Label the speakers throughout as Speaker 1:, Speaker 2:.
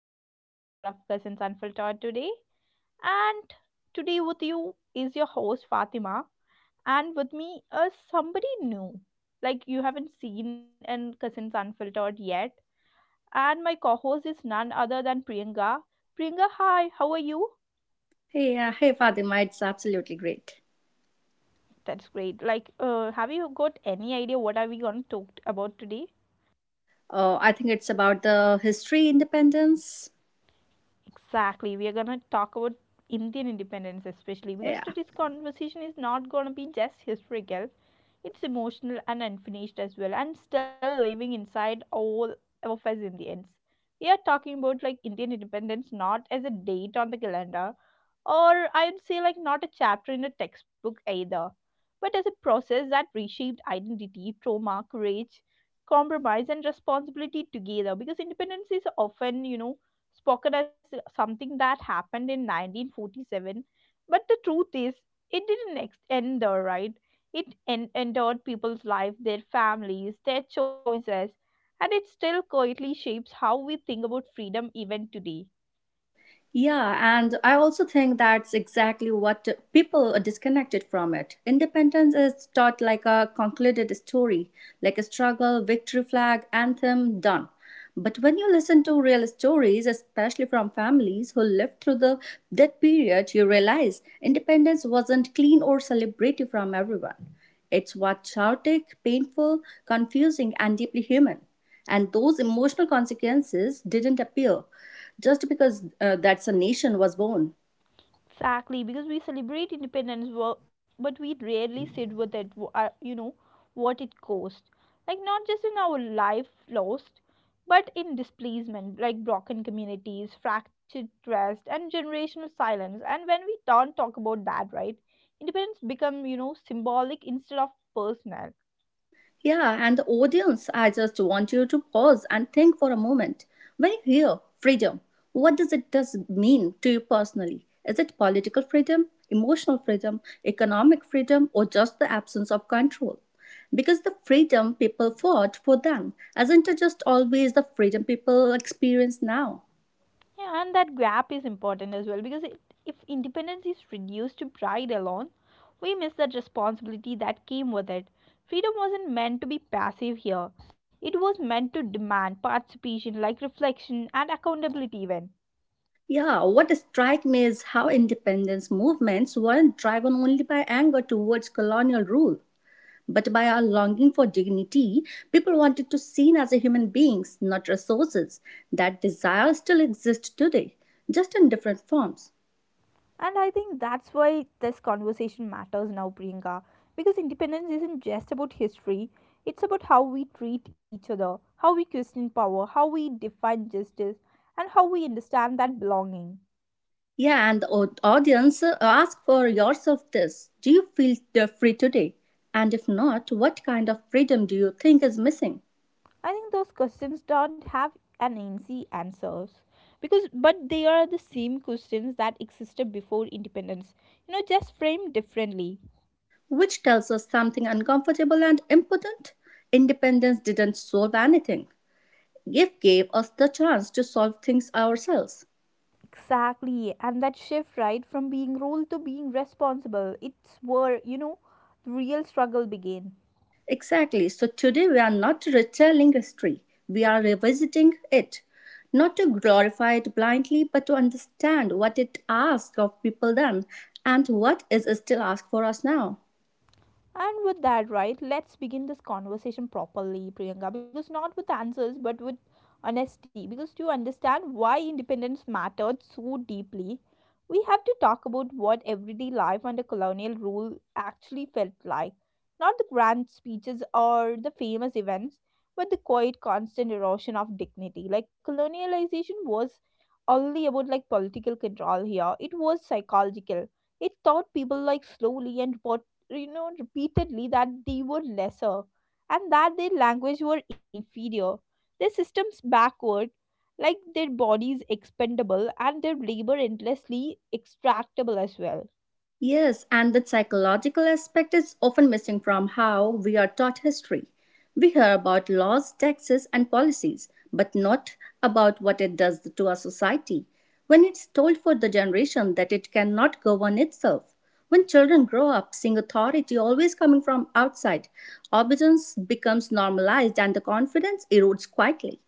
Speaker 1: to another episode of Cousins Unfiltered today. And today, with you is your host Fatima, and with me is somebody new, like you haven't seen in Cousins Unfiltered yet. And my co host is none other than Priyanka. Priyanka, hi, how are you?
Speaker 2: Hey, hey, Fatima, it's absolutely great.
Speaker 1: That's great. Like, have you got any idea what are we going to talk about today?
Speaker 2: I think it's about the history independence.
Speaker 1: Exactly. We are going to talk about Indian independence, especially because
Speaker 2: Yeah.
Speaker 1: today's conversation is not going to be just historical, it's emotional and unfinished as well, and still living inside all of us Indians. We are talking about like Indian independence not as a date on the calendar, or I'd say like not a chapter in a textbook either, but as a process that reshaped identity, trauma, courage, compromise, and responsibility together. Because independence is often, spoken as something that happened in 1947, but the truth is, it didn't ex- end there, right? It entered people's life, their families, their choices, and it still quietly shapes how we think about freedom even today.
Speaker 2: Yeah, and I also think that's exactly what people are disconnected from it. Independence is taught like a concluded story, like a struggle, victory flag, anthem, done. But when you listen to real stories, especially from families who lived through the that period, you realize independence wasn't clean or celebrated from everyone. It's what chaotic, painful, confusing, and deeply human, and those emotional consequences didn't appear just because that's a nation was born.
Speaker 1: Exactly, because we celebrate independence, but we rarely sit with it. You know what it cost, like not just in our life lost, but in displacement, like broken communities, fractured trust, and generational silence. And when we don't talk about that, right, independence become symbolic instead of personal.
Speaker 2: Yeah, and the audience, I just want you to pause and think for a moment. When you hear freedom, what does it does mean to you personally? Is it political freedom, emotional freedom, economic freedom, or just the absence of control? Because the freedom people fought for then isn't it just always the freedom people experience now.
Speaker 1: Yeah, and that gap is important as well because it, if independence is reduced to pride alone, we miss that responsibility that came with it. Freedom wasn't meant to be passive here, it was meant to demand participation, like reflection and accountability, even.
Speaker 2: Yeah, what strikes me is how independence movements weren't driven only by anger towards colonial rule, but by our longing for dignity. People wanted to seen as a human beings, not resources. That desire still exists today, just in different forms.
Speaker 1: And I think that's why this conversation matters now, Priyanka, because independence isn't just about history, it's about how we treat each other, how we question power, how we define justice, and how we understand that belonging.
Speaker 2: Yeah, and the audience, ask for yourself this: do you feel free today? And if not, what kind of freedom do you think is missing?
Speaker 1: I think those questions don't have an easy answers because but they are the same questions that existed before independence. You know, just framed differently.
Speaker 2: Which tells us something uncomfortable and important. Independence didn't solve anything. It gave us the chance to solve things ourselves.
Speaker 1: Exactly, and that shift right from being ruled to being responsible, it's where the real struggle began.
Speaker 2: Exactly. So today we are not retelling history, we are revisiting it. Not to glorify it blindly, but to understand what it asked of people then and what is still asked for us now.
Speaker 1: And with that, right, let's begin this conversation properly, Priyanka, because not with answers, but with honesty. Because to understand why independence mattered so deeply, we have to talk about what everyday life under colonial rule actually felt like. Not the grand speeches or the famous events, but the quiet, constant erosion of dignity. Like, colonialization was only about like political control here, it was psychological. It taught people like slowly and repeatedly that they were lesser and that their language were inferior their systems backward like their bodies expendable and their labor endlessly extractable as well.
Speaker 2: Yes, and that psychological aspect is often missing from how we are taught history. We hear about laws, taxes, and policies, but not about what it does to our society. When it's told for the generation that it cannot govern itself, when children grow up seeing authority always coming from outside, obedience becomes normalized and the confidence erodes quietly.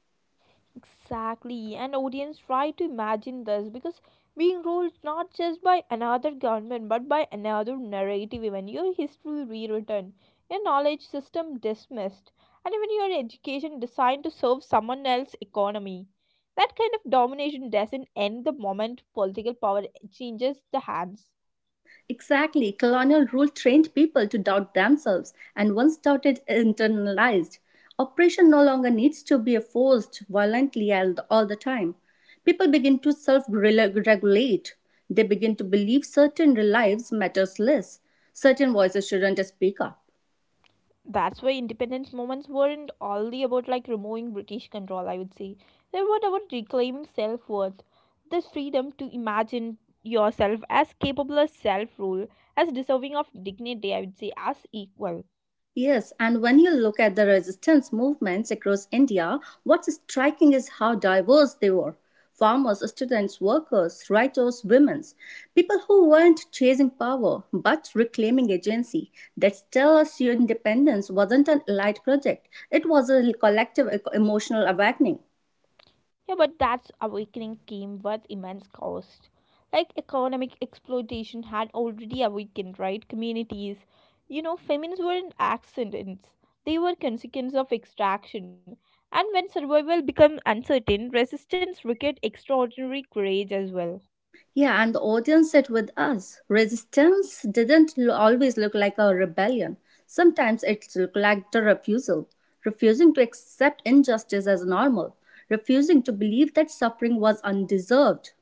Speaker 1: Exactly, and audience try to imagine this because being ruled not just by another government but by another narrative, even your history rewritten, your knowledge system dismissed, and even your education designed to serve someone else's economy. That kind of domination doesn't end the moment political power changes the hands.
Speaker 2: Exactly, colonial rule trained people to doubt themselves, and once doubted, internalized. Oppression no longer needs to be forced violently all the time. People begin to self regulate. They begin to believe certain lives matters less, certain voices shouldn't speak up.
Speaker 1: That's why independence movements weren't only about like removing British control, I would say. They were about reclaiming self-worth, this freedom to imagine yourself as capable of self-rule, as deserving of dignity, I would say, as equal.
Speaker 2: Yes, and when you look at the resistance movements across India, what's striking is how diverse they were. Farmers, students, workers, writers, women, people who weren't chasing power but reclaiming agency. That tells you independence wasn't an elite project, it was a collective emotional awakening.
Speaker 1: Yeah, but that awakening came with immense cost. Like economic exploitation had already awakened, right? Communities. You know, famines weren't accidents, they were consequence of extraction. And when survival became uncertain, resistance required extraordinary courage as well.
Speaker 2: Yeah, and the audience sat with us. Resistance didn't always look like a rebellion. Sometimes it looked like the refusal, refusing to accept injustice as normal, refusing to believe that suffering was undeserved.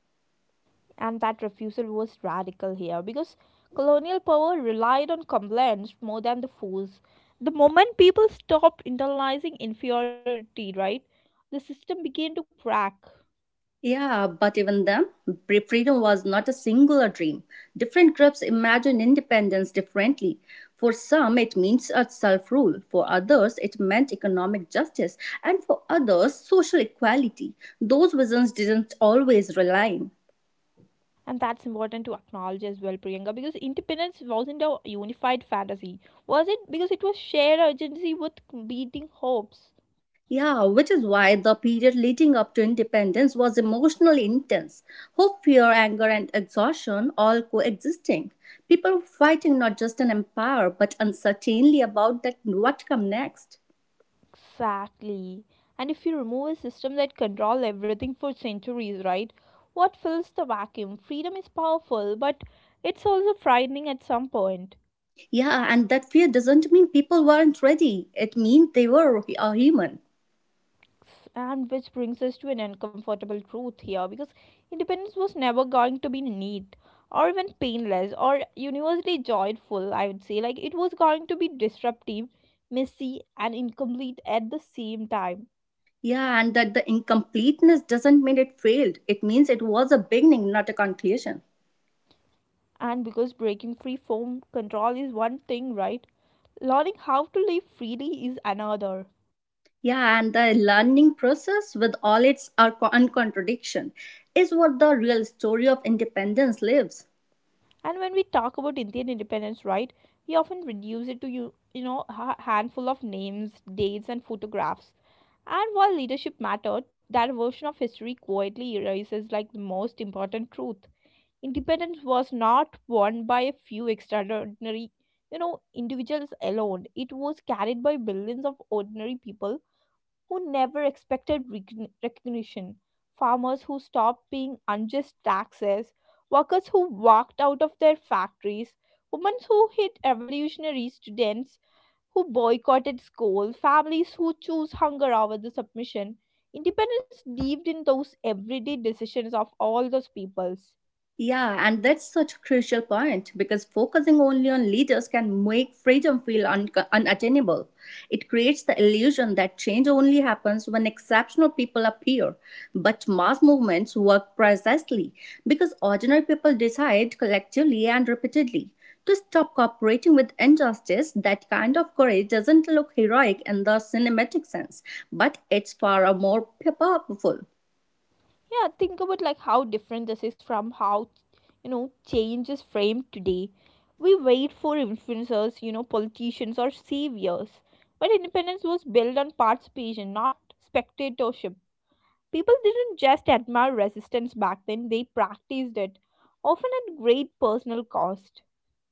Speaker 1: And that refusal was radical here because colonial power relied on compliance more than the force. The moment people stopped internalizing inferiority, right, the system began to crack.
Speaker 2: Yeah, but even then, freedom was not a singular dream. Different groups imagine independence differently. For some, it means a self rule. For others, it meant economic justice. And for others, social equality. Those visions didn't always align.
Speaker 1: And that's important to acknowledge as well, Priyanka, because independence wasn't a unified fantasy, was it? Because it was shared urgency with competing hopes.
Speaker 2: Yeah, which is why the period leading up to independence was emotionally intense. Hope, fear, anger, and exhaustion all coexisting. People were fighting not just an empire, but uncertainly about that what come next.
Speaker 1: Exactly. And if you remove a system that control everything for centuries, right? What fills the vacuum? Freedom is powerful, but it's also frightening at some point.
Speaker 2: Yeah, and that fear doesn't mean people weren't ready. It means they were a human.
Speaker 1: And which brings us to an uncomfortable truth here because independence was never going to be neat or even painless or universally joyful, I would say. Like it was going to be disruptive, messy, and incomplete at the same time.
Speaker 2: Yeah, and that the incompleteness doesn't mean it failed. It means it was a beginning, not a conclusion.
Speaker 1: And because breaking free form control is one thing, right? Learning how to live freely is another.
Speaker 2: Yeah, and the learning process with all its uncontradiction is what the real story of independence lives.
Speaker 1: And when we talk about Indian independence, right, we often reduce it to a handful of names, dates and photographs, and while leadership mattered that version of history quietly erases like the most important truth. Independence was not won by a few extraordinary, individuals alone. It was carried by billions of ordinary people who never expected recognition. Farmers who stopped paying unjust taxes, workers who walked out of their factories, women who hit revolutionary students who boycotted school, families who choose hunger over the submission. Independence lived in those everyday decisions of all those peoples.
Speaker 2: Yeah, and that's such a crucial point because focusing only on leaders can make freedom feel unattainable. It creates the illusion that change only happens when exceptional people appear. But mass movements work precisely because ordinary people decide collectively and repeatedly to stop cooperating with injustice. That kind of courage doesn't look heroic in the cinematic sense, but it's far more powerful.
Speaker 1: Yeah, think about like how different this is from how change is framed today. We wait for influencers, politicians or saviors, but independence was built on participation not spectatorship. People didn't just admire resistance back then, they practiced it often at great personal cost.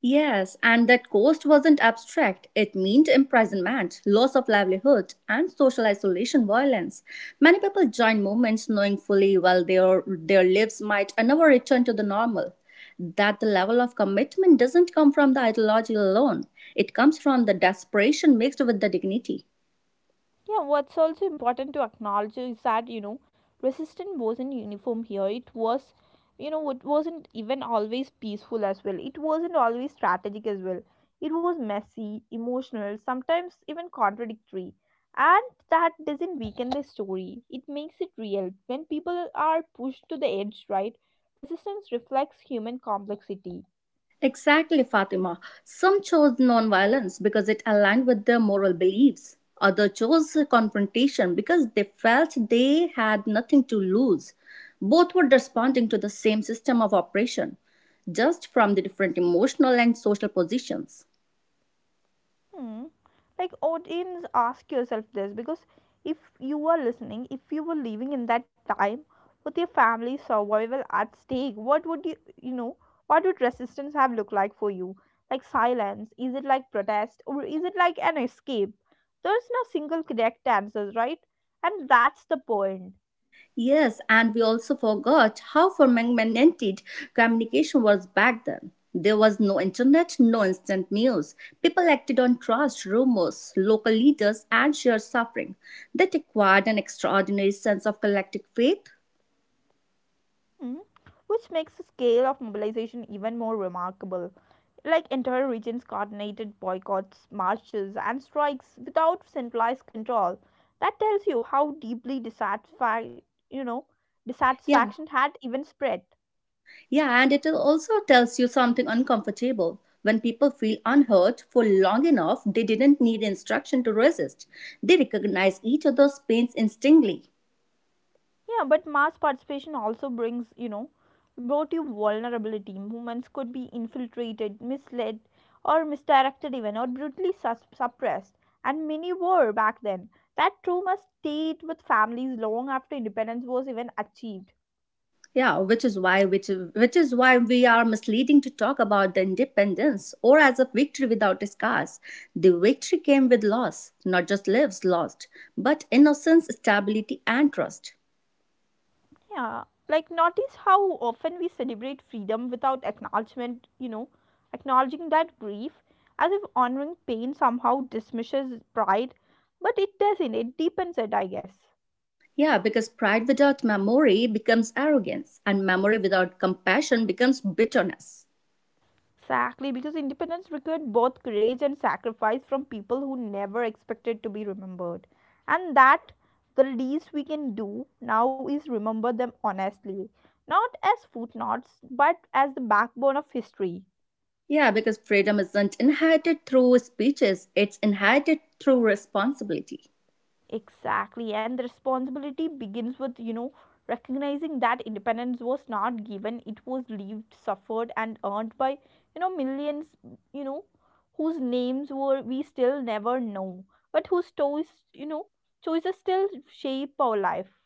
Speaker 2: Yes, and that cost wasn't abstract. It meant imprisonment, loss of livelihood, and social isolation violence. Many people join movements knowing fully well their lives might never return to the normal. That the level of commitment doesn't come from the ideology alone. It comes from the desperation mixed with the dignity.
Speaker 1: Yeah, what's also important to acknowledge is that, resistance wasn't uniform here. It was, it wasn't even always peaceful as well. It wasn't always strategic as well. It was messy, emotional, sometimes even contradictory. And that doesn't weaken the story, it makes it real. When people are pushed to the edge, right, resistance reflects human complexity.
Speaker 2: Exactly, Fatima. Some chose nonviolence because it aligned with their moral beliefs. Others chose confrontation because they felt they had nothing to lose. Both were responding to the same system of oppression, just from the different emotional and social positions.
Speaker 1: Hmm. Like audience, ask yourself this because if you were listening, if you were living in that time with your family's survival at stake, what would what would resistance have looked like for you? Like silence? Is it like protest or is it like an escape? There's no single correct answers, right? And that's the point.
Speaker 2: Yes, and we also forgot how fragmented communication was back then. There was no internet, no instant news. People acted on trust, rumors, local leaders, and shared suffering. That acquired an extraordinary sense of collective faith.
Speaker 1: Hmm, which makes the scale of mobilization even more remarkable. Like entire regions coordinated boycotts, marches, and strikes without centralized control. That tells you how deeply you know,
Speaker 2: Yeah,
Speaker 1: dissatisfaction had even spread.
Speaker 2: yeah, and it also tells you something uncomfortable. When people feel unheard for long enough, they didn't need instruction to resist. They recognize each other's pains instinctively.
Speaker 1: Yeah, but mass participation also brought you vulnerability. Movements could be infiltrated, misled, or misdirected, even, or brutally suppressed. And many were back then. That trauma stayed with families long after independence was even achieved.
Speaker 2: Yeah, which which is why we are misleading to talk about the independence or as a victory without scars. The victory came with loss, not just lives lost, but innocence, stability, and trust.
Speaker 1: Yeah, like notice how often we celebrate freedom without acknowledging that grief, as if honoring pain somehow dismisses pride, but it doesn't, it deepens it, I guess.
Speaker 2: Yeah, because pride without memory becomes arrogance, and memory without compassion becomes bitterness.
Speaker 1: Exactly, because independence required both courage and sacrifice from people who never expected to be remembered. And that the least we can do now is remember them honestly, not as footnotes, but as the backbone of history.
Speaker 2: Yeah, because freedom isn't inherited through speeches, it's inherited through responsibility.
Speaker 1: Exactly, and the responsibility begins with, recognizing that independence was not given, it was lived, suffered, and earned by, millions, you know, whose names were we still never know, but whose choices still shape our life.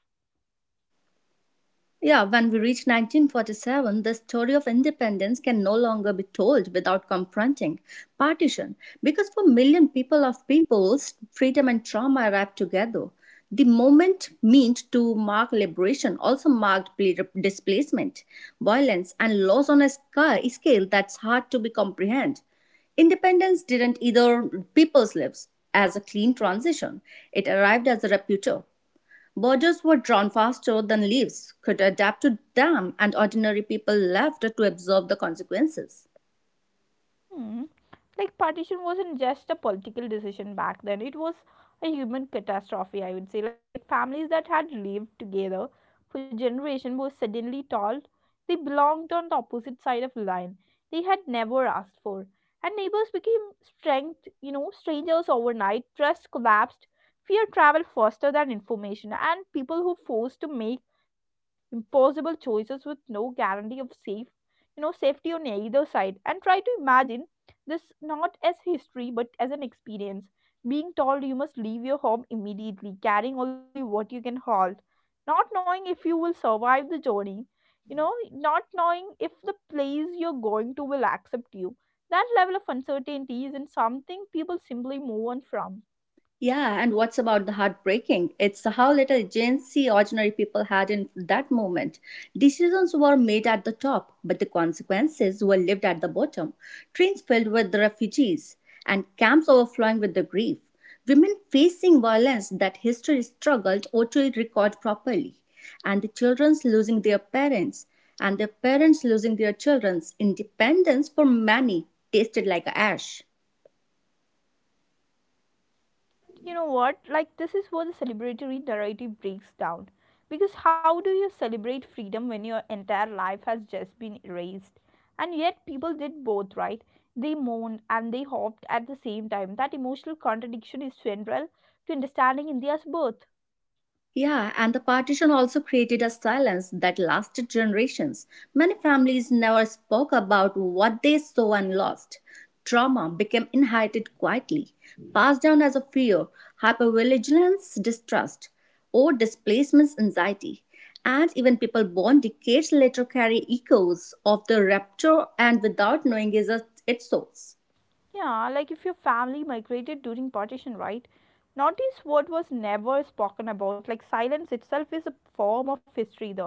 Speaker 2: Yeah, when we reach 1947, the story of independence can no longer be told without confronting partition, because for million people of peoples, freedom and trauma arrived together. The moment meant to mark liberation also marked displacement, violence, and loss on a scale that's hard to be comprehend. Independence didn't either people's lives as a clean transition. It arrived as a rapture. Borders were drawn faster than leaves could adapt to them, and ordinary people left to absorb the consequences.
Speaker 1: Hmm. Like partition wasn't just a political decision back then. It was a human catastrophe, I would say. Like families that had lived together for generations were suddenly told they belonged on the opposite side of the line they had never asked for. And neighbors became strangers overnight. Trust collapsed. Fear traveled faster than information. And people who forced to make impossible choices with no guarantee of safety on either side and try to imagine this not as history but as an experience. Being told you must leave your home immediately, carrying only what you can hold, not knowing if you will survive the journey, not knowing if the place you're going to will accept you. That level of uncertainty isn't something people simply move on from.
Speaker 2: Yeah, and what's about the heartbreaking? It's how little agency ordinary people had in that moment. Decisions were made at the top, but the consequences were lived at the bottom. Trains filled with the refugees and camps overflowing with the grief. Women facing violence that history struggled or to record properly. And the children's losing their parents and their parents losing their children's independence for many tasted like ash.
Speaker 1: You know what? Like, this is where the celebratory narrative breaks down. Because how do you celebrate freedom when your entire life has just been erased? And yet, people did both, right? They mourned and they hoped at the same time. That emotional contradiction is central to understanding India's birth.
Speaker 2: Yeah, and the partition also created a silence that lasted generations. Many families never spoke about what they saw and lost. Trauma became inherited quietly, passed down as a fear, hypervigilance, distrust, or displacement anxiety. And even people born decades later carry echoes of the rapture and without knowing is a, its source.
Speaker 1: Yeah, like if your family migrated during partition, right? Notice what was never spoken about. Like, silence itself is a form of history there.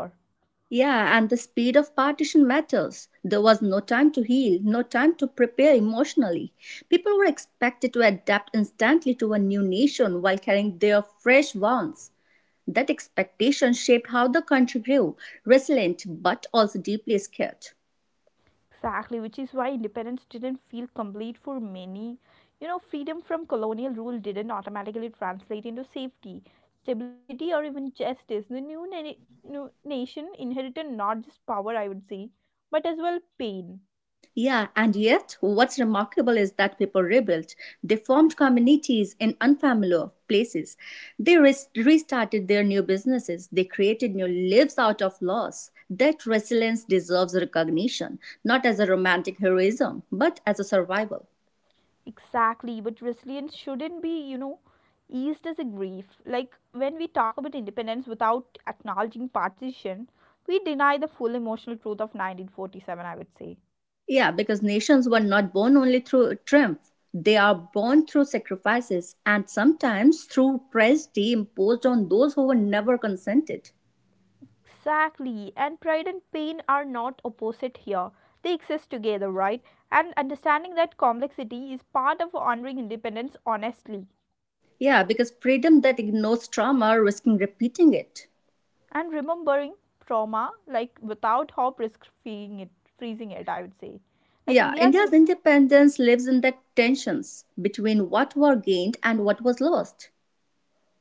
Speaker 2: Yeah, and the speed of partition matters. There was no time to heal, no time to prepare emotionally. People were expected to adapt instantly to a new nation while carrying their fresh wounds. That expectation shaped how the country grew, resilient but also deeply scared.
Speaker 1: Exactly, which is why independence didn't feel complete for many. You know, freedom from colonial rule didn't automatically translate into safety, stability, or even justice. The new nation inherited not just power, I would say, but as well pain.
Speaker 2: Yeah, and yet what's remarkable is that people rebuilt. They formed communities in unfamiliar places. They restarted their new businesses. They created new lives out of loss. That resilience deserves recognition, not as a romantic heroism, but as a survival.
Speaker 1: Exactly, but resilience shouldn't be, eased as a grief. Like when we talk about independence without acknowledging partition, we deny the full emotional truth of 1947, I would say.
Speaker 2: Yeah, because nations were not born only through triumph. They are born through sacrifices and sometimes through tragedy imposed on those who were never consented.
Speaker 1: Exactly. And pride and pain are not opposite here. They exist together, right? And understanding that complexity is part of honoring independence honestly
Speaker 2: Yeah, because freedom that ignores trauma, risking repeating it.
Speaker 1: and remembering trauma like without hope risk freeing it freezing it, I would say. Like
Speaker 2: Yeah,
Speaker 1: India's
Speaker 2: India's
Speaker 1: indep
Speaker 2: independence lives in that tensions between what were gained and what was lost.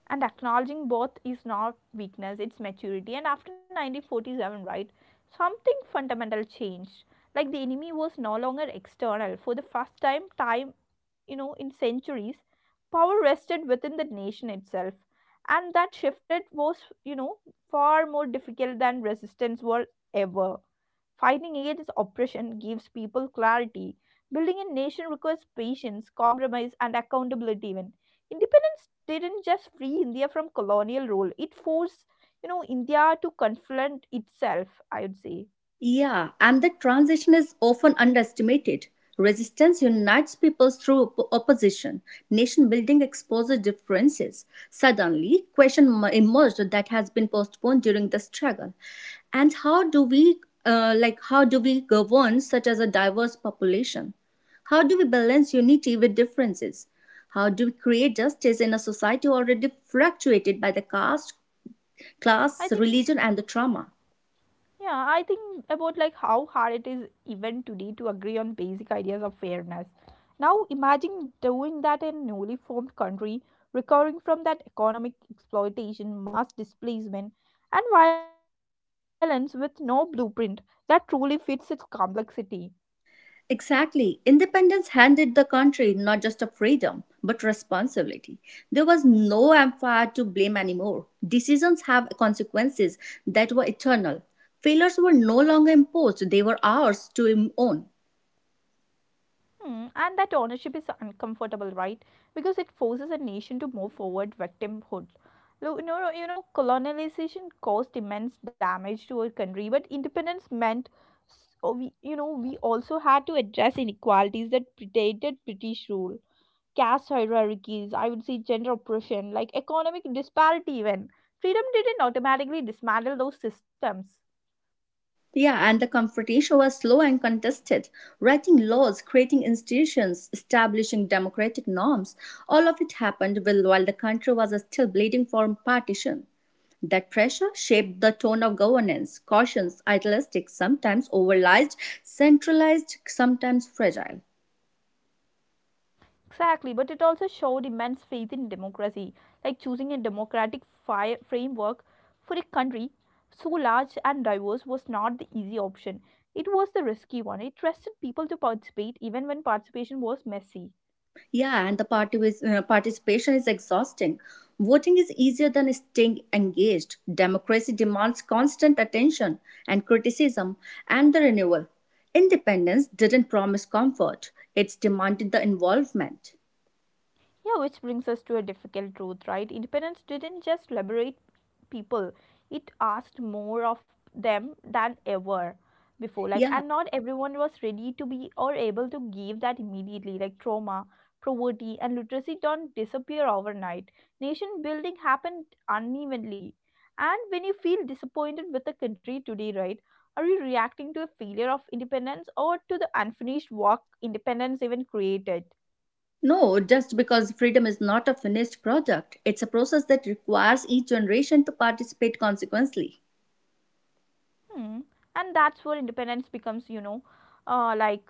Speaker 1: And acknowledging both is not weakness, it's maturity. And after 1947, right, something fundamental changed. Like the enemy was no longer external. For the first time, in centuries, power rested within the nation itself. And that shifted was, you know, far more difficult than resistance was ever. Fighting against oppression gives people clarity. Building a nation requires patience, compromise, and accountability even. Independence didn't just free India from colonial rule, it forced, India to confront itself, I would say.
Speaker 2: Yeah, and that transition is often underestimated. Resistance unites people through opposition. Nation building exposes differences. Suddenly, question emerged that has been postponed during the struggle. And how do we, like, how do we govern such as a diverse population? How do we balance unity with differences? How do we create justice in a society already fluctuated by the caste,
Speaker 1: I
Speaker 2: class,
Speaker 1: think
Speaker 2: religion, and the trauma?
Speaker 1: Yeah, I think about like how hard it is even today to agree on basic ideas of fairness. Now imagine doing that in a newly formed country, recovering from that economic exploitation, mass displacement, and violence with no blueprint that truly fits its complexity.
Speaker 2: Exactly. Independence handed the country not just a freedom, but responsibility. There was no empire to blame anymore. Decisions have consequences that were eternal. Failures were no longer imposed, they were ours to own.
Speaker 1: Hmm, and that ownership is uncomfortable, right? Because it forces a nation to move forward victimhood. Look, colonization caused immense damage to our country, but independence meant, oh, we, we also had to address inequalities that predated British rule, caste hierarchies, I would say gender oppression, like economic disparity. Even freedom didn't automatically dismantle those systems.
Speaker 2: Yeah, and the confrontation was slow and contested. Writing laws, creating institutions, establishing democratic norms, all of it happened while the country was still bleeding from partition. That pressure shaped the tone of governance, cautious, idealistic, sometimes overlized, centralized, sometimes fragile.
Speaker 1: Exactly, but it also showed immense faith in democracy, like choosing a democratic framework for a country so large and diverse was not the easy option. It was the risky one. It trusted people to participate even when participation was messy.
Speaker 2: Yeah, and the participation is exhausting. Voting is easier than staying engaged. Democracy demands constant attention and criticism and the renewal. Independence didn't promise comfort, it's demanded the involvement.
Speaker 1: Yeah, which brings us to a difficult truth, right? Independence didn't just liberate people, it asked more of them than ever before. Like,
Speaker 2: Yeah.
Speaker 1: and not everyone was ready to be or able to give that immediately. Like, trauma, poverty, and literacy don't disappear overnight. Nation building happened unevenly. And when you feel disappointed with the country today, right? Are you reacting to a failure of independence or to the unfinished work independence even created?
Speaker 2: No, just because freedom is not a finished product, it's a process that requires each generation to participate consequently.
Speaker 1: Hmm. And that's where independence becomes, uh, like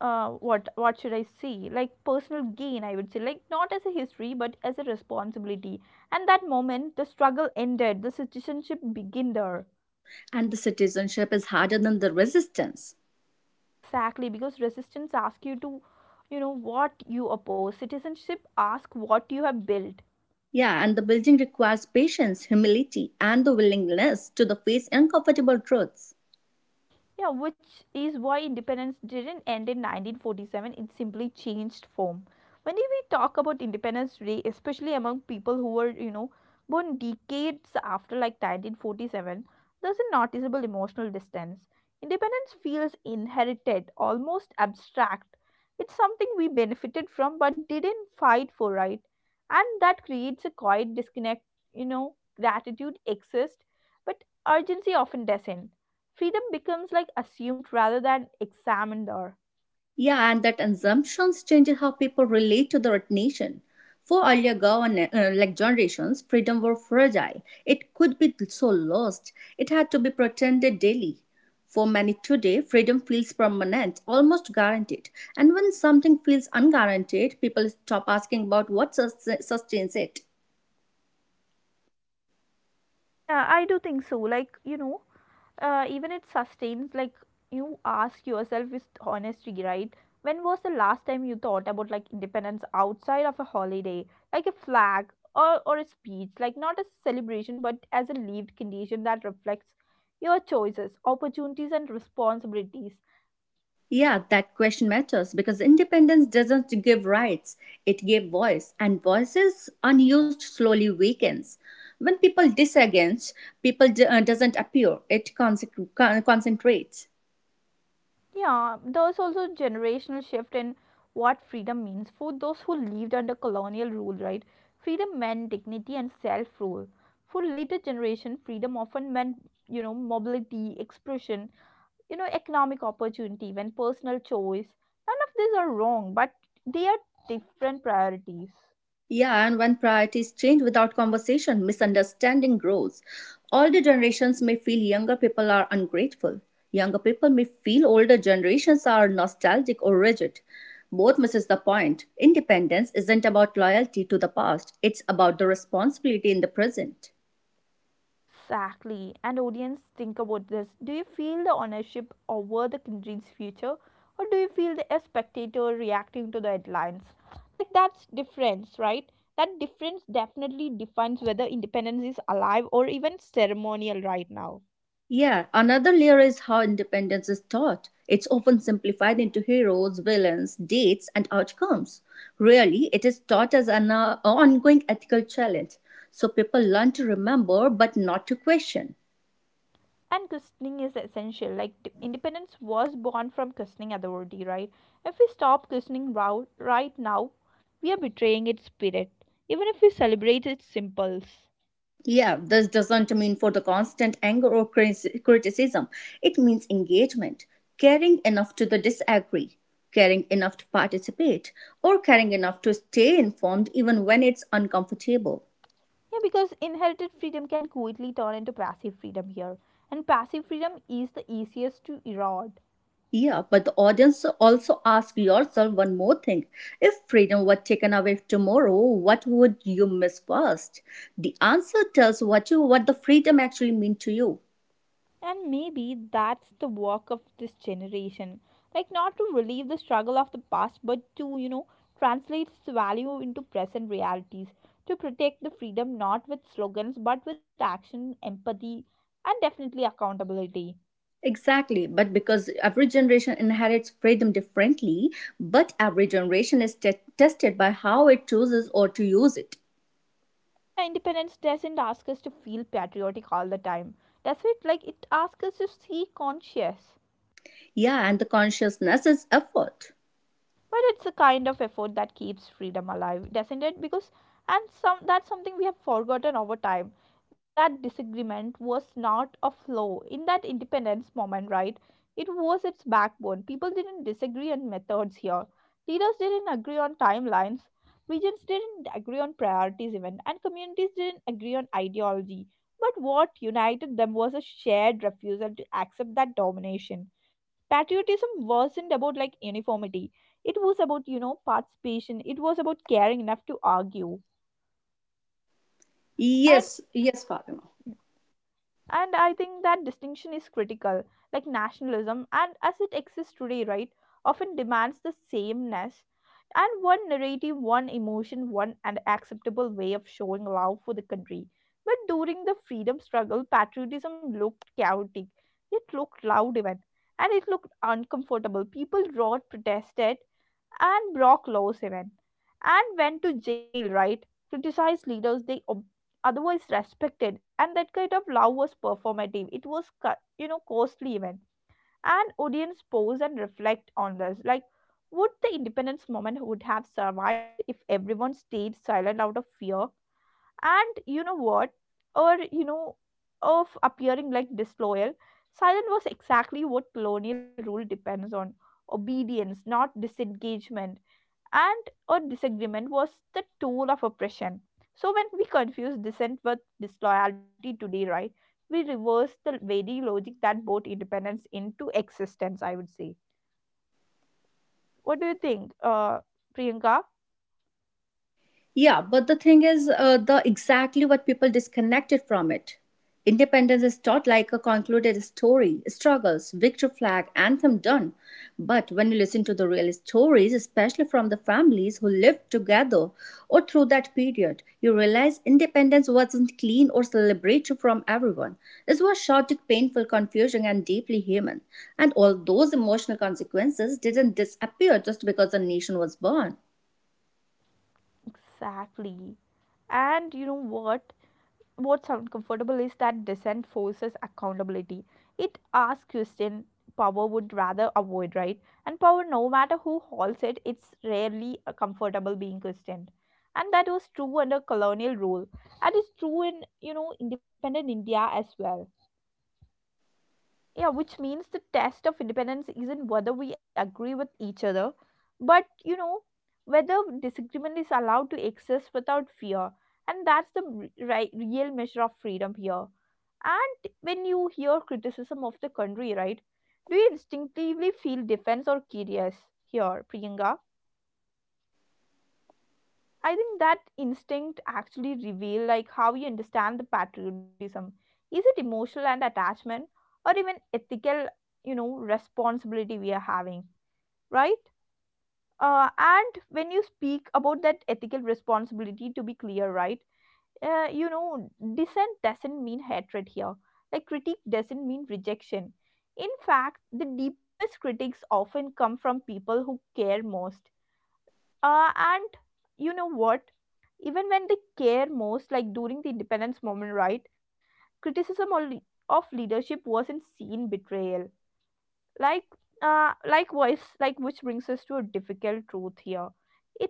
Speaker 1: what should I say? Like personal gain, I would say, like not as a history, but as a responsibility. And that moment, the struggle ended, the citizenship began there.
Speaker 2: And the citizenship is harder than the resistance.
Speaker 1: Exactly, because resistance asks you to, what you oppose. Citizenship asks what you have built.
Speaker 2: Yeah, and the building requires patience, humility, and the willingness to the face uncomfortable truths.
Speaker 1: Yeah, which is why independence didn't end in 1947, it simply changed form. When we talk about Independence Day, especially among people who were, born decades after like 1947, there's a noticeable emotional distance. Independence feels inherited, almost abstract. It's something we benefited from but didn't fight for, right? And that creates a quiet disconnect, you know, gratitude exists, but urgency often doesn't freedom becomes like assumed rather than examined or
Speaker 2: Yeah, and that assumptions changes how people relate to the right nation. For earlier like generations, freedom were fragile. It could be so lost. It had to be pretended daily. For many today, freedom feels permanent, almost guaranteed. And when something feels unguaranteed, people stop asking about what sustains it.
Speaker 1: yeah I do think so like even it sustains like you ask yourself with honesty right when was the last time you thought about like independence outside of a holiday like a flag or, a speech like not as a celebration but as a lived condition that reflects your choices opportunities and responsibilities.
Speaker 2: Yeah, that question matters because independence doesn't give rights, it gave voice, and voices unused slowly weakens. When people disagrees, people doesn't appear, it concentrates.
Speaker 1: Yeah, there's also generational shift in what freedom means for those who lived under colonial rule, right? Freedom meant dignity and self-rule. For later generation, freedom often meant, mobility, expression, economic opportunity, even personal choice. None of these are wrong, but they are different priorities.
Speaker 2: Yeah, and when priorities change without conversation, misunderstanding grows. Older generations may feel younger people are ungrateful. Younger people may feel older generations are nostalgic or rigid. Both misses the point. Independence isn't about loyalty to the past, it's about the responsibility in the present.
Speaker 1: Exactly. And audience, think about this. Do you feel the ownership over the country's future? Or do you feel the a spectator reacting to the headlines? Like that's difference, right? That difference definitely defines whether independence is alive or even ceremonial right now.
Speaker 2: Yeah, another layer is how independence is taught. It's often simplified into heroes, villains, dates, and outcomes. Really, it is taught as an ongoing ethical challenge. So people learn to remember but not to question.
Speaker 1: And questioning is essential. Like independence was born from questioning authority, right? If we stop questioning right now, we are betraying its spirit, even if we celebrate its symbols.
Speaker 2: Yeah, this doesn't mean for the constant anger or criticism. It means engagement, caring enough to the disagree, caring enough to participate, or caring enough to stay informed even when it's uncomfortable.
Speaker 1: Yeah, because inherited freedom can quickly turn into passive freedom here, and passive freedom is the easiest to erode.
Speaker 2: Yeah, but the audience also ask yourself one more thing. If freedom were taken away tomorrow, what would you miss first? The answer tells what the freedom actually mean to you.
Speaker 1: And maybe that's the work of this generation. Like, not to relieve the struggle of the past, but to, translate its value into present realities. To protect the freedom not with slogans, but with action, empathy, and definitely accountability.
Speaker 2: Exactly, but because every generation inherits freedom differently, but every generation is tested by how it chooses or to use it.
Speaker 1: Yeah, Independence doesn't ask us to feel patriotic all the time. Does it? Like, it asks us to see conscious.
Speaker 2: Yeah, and the consciousness is effort.
Speaker 1: But it's a kind of effort that keeps freedom alive doesn't it? Because and some that's something we have forgotten over time, that disagreement was not a flaw in that independence moment, right? It was its backbone. People didn't disagree on methods here, leaders didn't agree on timelines, regions didn't agree on priorities even, and communities didn't agree on ideology. But what united them was a shared refusal to accept that domination. Patriotism wasn't about like uniformity. It was about participation. It was about caring enough to argue. and
Speaker 2: Yes, yes, Fatima.
Speaker 1: and I think that distinction is critical. Like nationalism, and as it exists today, right, often demands the sameness and one narrative, one emotion, one and acceptable way of showing love for the country. But during the freedom struggle, patriotism looked chaotic. It looked loud even, and it looked uncomfortable. People roared, protested and broke laws even, and went to jail, right? Criticized leaders they otherwise respected, and that kind of love was performative. It was, costly even. And audience, pause and reflect on this. Like, would the independence movement would have survived if everyone stayed silent out of fear? And you know what? Or you know, of appearing like disloyal. Silence was exactly what colonial rule depends on, obedience, not disengagement. And or disagreement was the tool of oppression. So when we confuse dissent with disloyalty today, right, we reverse the very logic that brought independence into existence, I would say. What do you think, Priyanka?
Speaker 2: Yeah, but the thing is, the exactly what people disconnected from it. Independence is taught like a concluded story, struggles, victory flag, anthem done. But when you listen to the real stories, especially from the families who lived together or through that period, you realize independence wasn't clean or celebratory from everyone. It was chaotic, painful, confusing, and deeply human. And all those emotional consequences didn't disappear just because a nation was born.
Speaker 1: Exactly. And you know what? What's comfortable is that dissent forces accountability. It asks question power would rather avoid, right? And power, no matter who holds it, it's rarely comfortable being questioned. And that was true under colonial rule. And it's true in, independent India as well. Yeah, which means the test of independence isn't whether we agree with each other, but whether disagreement is allowed to exist without fear. And that's the right, real measure of freedom here. And when you hear criticism of the country, right, do you instinctively feel defense or curious here, Priyanka? I think that instinct actually reveal like how you understand the patriotism. Is it emotional and attachment or even ethical, responsibility we are having, right? And when you speak about that ethical responsibility, to be clear, right? Uh, you know, dissent doesn't mean hatred here. Like critique doesn't mean rejection. In fact, the deepest critics often come from people who care most. And you know what? Even when they care most, like during the independence moment, right? Criticism of, of leadership wasn't seen betrayal. Like, likewise, like which brings us to a difficult truth here.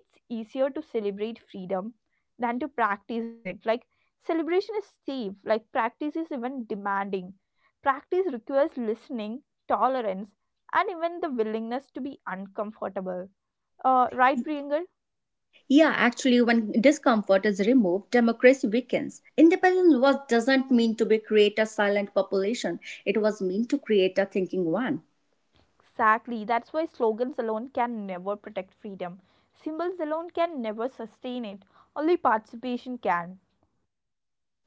Speaker 1: It's easier to celebrate freedom than to practice it. Like, celebration is safe, like, practice is even demanding. Practice requires listening, tolerance, and even the willingness to be uncomfortable. Right, Priyangal?
Speaker 2: Yeah, actually, when discomfort is removed, democracy weakens. Independence was doesn't mean to be create a silent population. It was meant to create a thinking one.
Speaker 1: Exactly. That's why slogans alone can never protect freedom. Symbols alone can never sustain it. Only participation can.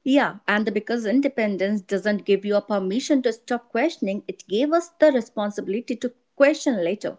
Speaker 2: Yeah, and because independence doesn't give you a permission to stop questioning, it gave us the responsibility to question later.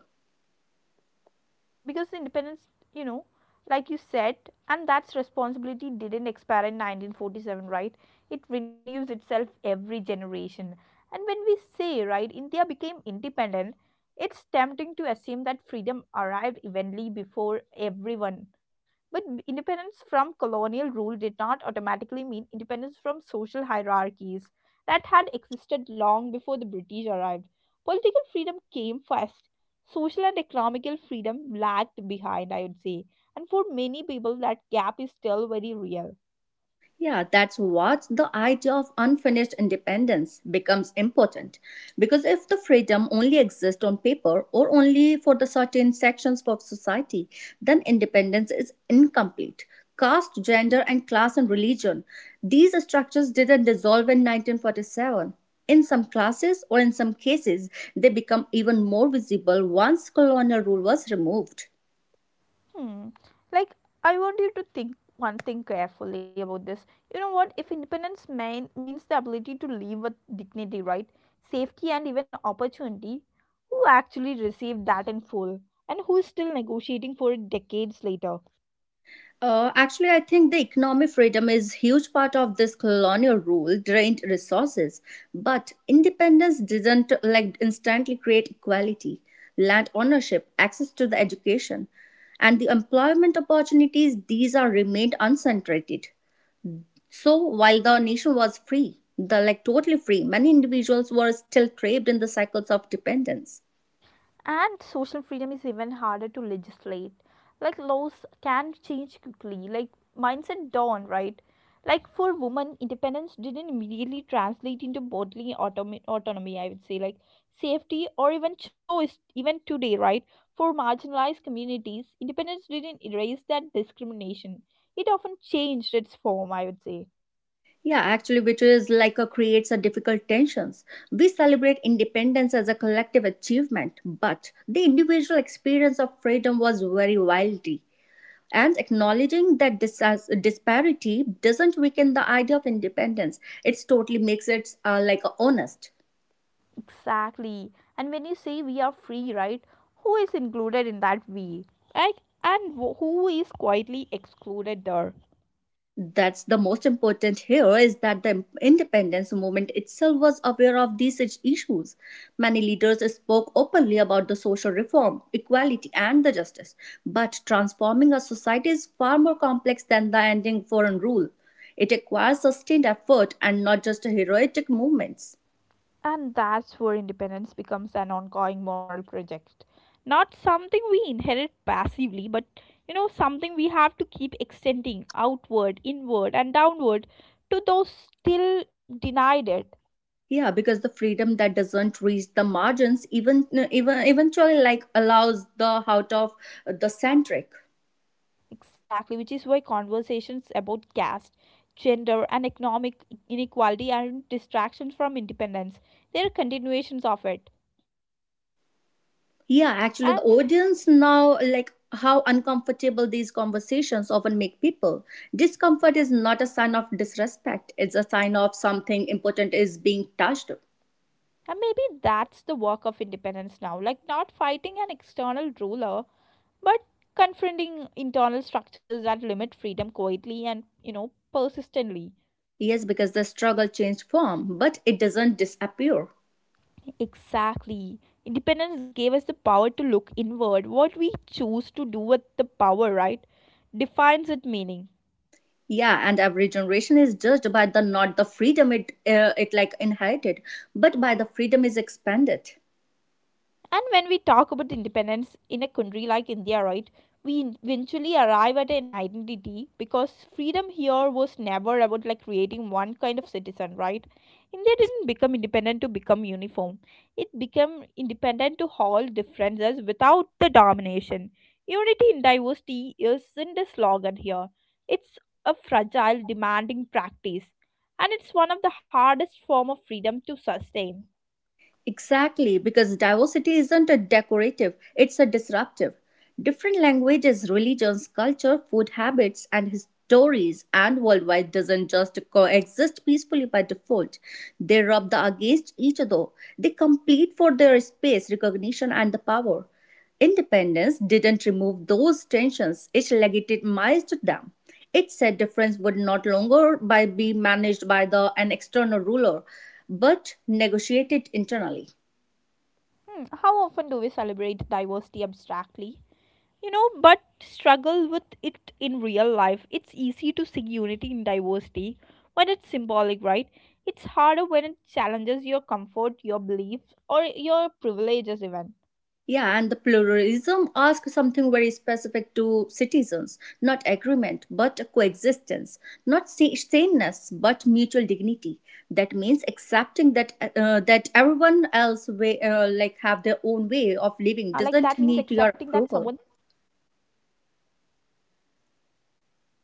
Speaker 1: Because independence, you know, like you said, and that's responsibility didn't expire in 1947, right? It renews itself every generation. And when we say, right, India became independent, it's tempting to assume that freedom arrived evenly before everyone. But independence from colonial rule did not automatically mean independence from social hierarchies that had existed long before the British arrived. Political freedom came first, social and economical freedom lagged behind, I would say. And for many people, that gap is still very real.
Speaker 2: Yeah, that's what the idea of unfinished independence becomes important. Because if the freedom only exists on paper or only for the certain sections of society, then independence is incomplete. Caste, gender, and class and religion, these structures didn't dissolve in 1947. In some classes or in some cases, they become even more visible once colonial rule was removed.
Speaker 1: Hmm. Like, I want you to think one thing carefully about this. You know what? If independence means the ability to live with dignity, right? Safety and even opportunity, who actually received that in full? And who is still negotiating for it decades later?
Speaker 2: Actually, I think the economic freedom is huge part of this colonial rule drained resources, but independence didn't like instantly create equality. Land ownership, access to the education, and the employment opportunities these are remained unsaturated. So while the nation was free, the like totally free, many individuals were still trapped in the cycles of dependence.
Speaker 1: And social freedom is even harder to legislate. Like laws can change quickly, like mindset dawn, right? Like for women, independence didn't immediately translate into bodily autonomy, I would say, like safety or even choice, even today, right? For marginalized communities, independence didn't erase that discrimination. It often changed its form, I would say.
Speaker 2: Yeah, actually, which is like a creates a difficult tensions. We celebrate independence as a collective achievement, but the individual experience of freedom was very wildy. And acknowledging that this disparity doesn't weaken the idea of independence, it's totally makes it like honest.
Speaker 1: Exactly. And when you say we are free, right? Who is included in that we? Like, and who is quietly excluded there?
Speaker 2: That's the most important here is that the independence movement itself was aware of these issues. Many leaders spoke openly about the social reform, equality, and the justice. But transforming a society is far more complex than the ending foreign rule. It requires sustained effort and not just heroic movements.
Speaker 1: And that's where independence becomes an ongoing moral project. Not something we inherit passively, but something we have to keep extending outward, inward, and downward to those still denied it.
Speaker 2: Yeah, because the freedom that doesn't reach the margins even eventually like allows the out of the centric.
Speaker 1: Exactly, which is why conversations about caste, gender, and economic inequality aren't distractions from independence. They're continuations of it.
Speaker 2: Yeah, actually, the
Speaker 1: And,
Speaker 2: audience now, like how uncomfortable these conversations often make people. Discomfort is not a sign of disrespect, it's a sign of something important is being touched.
Speaker 1: and maybe that's the work of independence now, like not fighting an external ruler, but confronting internal structures that limit freedom quietly and, persistently.
Speaker 2: Yes, because the struggle changed form, but it doesn't disappear.
Speaker 1: Exactly. Independence gave us the power to look inward. What we choose to do with the power, right, defines its meaning.
Speaker 2: Yeah, and every generation is judged by the not the freedom it it like inherited, but by the freedom is expanded.
Speaker 1: And when we talk about independence in a country like India, right, we eventually arrive at an identity, because freedom here was never about like creating one kind of citizen, right? India didn't become independent to become uniform. It became independent to hold differences without the domination. Unity in diversity isn't a slogan here. It's a fragile, demanding practice. And it's one of the hardest form of freedom to sustain.
Speaker 2: Exactly, because diversity isn't a decorative, it's a disruptive. Different languages, religions, culture, food habits, and his stories and worldwide doesn't just coexist peacefully by default. They rub the against each other. They compete for their space, recognition, and the power. Independence didn't remove those tensions, it legitimized them. It said difference would not longer by be managed by the an external ruler, but negotiated internally.
Speaker 1: Hmm, how often do we celebrate diversity abstractly? You know, but struggle with it in real life. It's easy to see unity in diversity when it's symbolic, right? It's harder when it challenges your comfort, your beliefs, or your privileges, even.
Speaker 2: Yeah, and the pluralism asks something very specific to citizens, not agreement, but coexistence, not sameness, but mutual dignity. That means accepting that that everyone
Speaker 1: Like
Speaker 2: else
Speaker 1: that
Speaker 2: way,
Speaker 1: means
Speaker 2: like
Speaker 1: accepting
Speaker 2: have
Speaker 1: that
Speaker 2: their
Speaker 1: someone
Speaker 2: own way of living doesn't need your approval.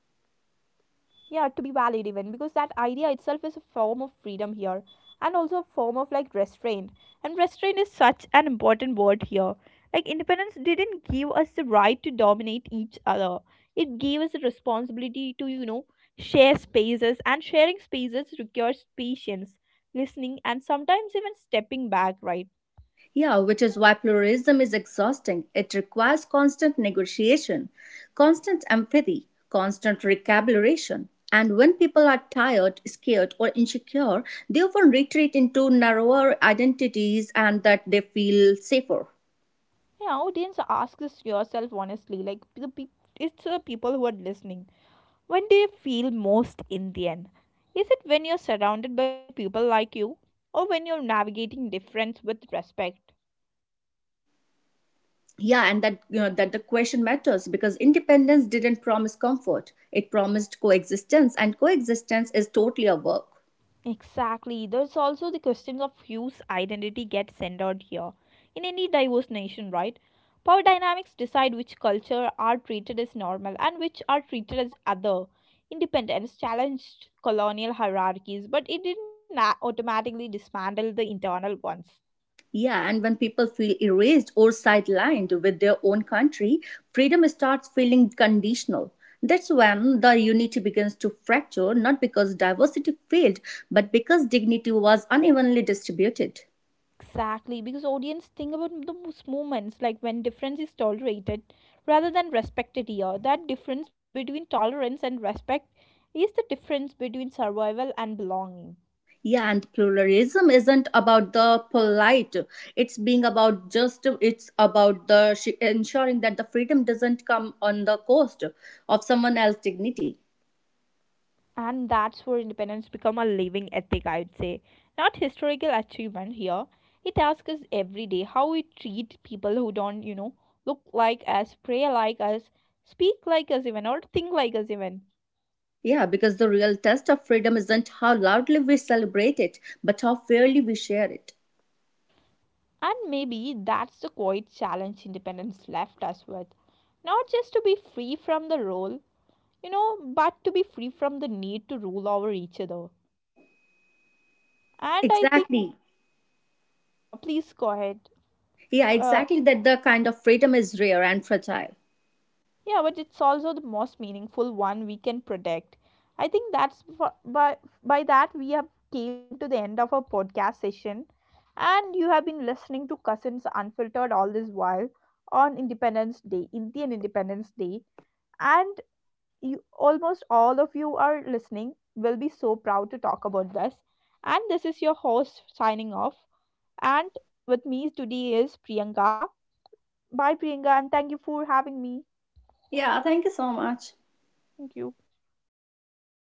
Speaker 1: yeah to be valid even, because that idea itself is a form of freedom here and also a form of like restraint. And restraint is such an important word here. Like independence didn't give us the right to dominate each other. It gave us a responsibility to share spaces. And sharing spaces requires patience, listening, and sometimes even stepping back, right?
Speaker 2: Yeah, which is why pluralism is exhausting. It requires constant negotiation, constant empathy, constant recalibration. And when people are tired, scared, or insecure, they often retreat into narrower identities and that they feel safer.
Speaker 1: Yeah, audience, ask this yourself honestly, like the peop it's the people who are listening. When do you feel most Indian? Is it when you're surrounded by people like you or when you're navigating difference with respect?
Speaker 2: Yeah, and that you know that the question matters because independence didn't promise comfort. It promised coexistence, and coexistence is totally a work.
Speaker 1: Exactly. There's also the question of whose identity gets centered here. In any diverse nation, right? Power dynamics decide which culture are treated as normal and which are treated as other. Independence challenged colonial hierarchies, but it didn't automatically dismantle the internal ones.
Speaker 2: Yeah, and when people feel erased or sidelined with their own country, freedom starts feeling conditional. That's when the unity begins to fracture, not because diversity failed, but because dignity was unevenly distributed.
Speaker 1: Exactly, because audience think about those moments, like when difference is tolerated rather than respected here. That difference between tolerance and respect is the difference between survival and belonging.
Speaker 2: Yeah, and pluralism isn't about the polite. It's being about just, it's about the ensuring that the freedom doesn't come on the cost of someone else's dignity.
Speaker 1: And that's where independence become a living ethic, I would say. Not historical achievement here. It asks us every day how we treat people who don't, look like us, pray like us, speak like us even, or think like us even.
Speaker 2: Yeah, because the real test of freedom isn't how loudly we celebrate it, but how fairly we share it.
Speaker 1: And maybe that's the quiet challenge independence left us with. Not just to be free from the role, but to be free from the need to rule over each other. And I think,
Speaker 2: Exactly.
Speaker 1: please go ahead.
Speaker 2: Yeah,
Speaker 1: Uh,
Speaker 2: exactly. That the kind of freedom is rare and fragile.
Speaker 1: yeah, but it's also the most meaningful one we can protect. I think that's for, by that we have came to the end of our podcast session. And you have been listening to Cousins Unfiltered all this while on Independence Day, Indian Independence Day, and you almost all of you are listening will be so proud to talk about this. And this is your host signing off. And with me today is Priyanka. Bye, Priyanka, and thank you for having me.
Speaker 2: Yeah, thank you so much.
Speaker 1: Thank you.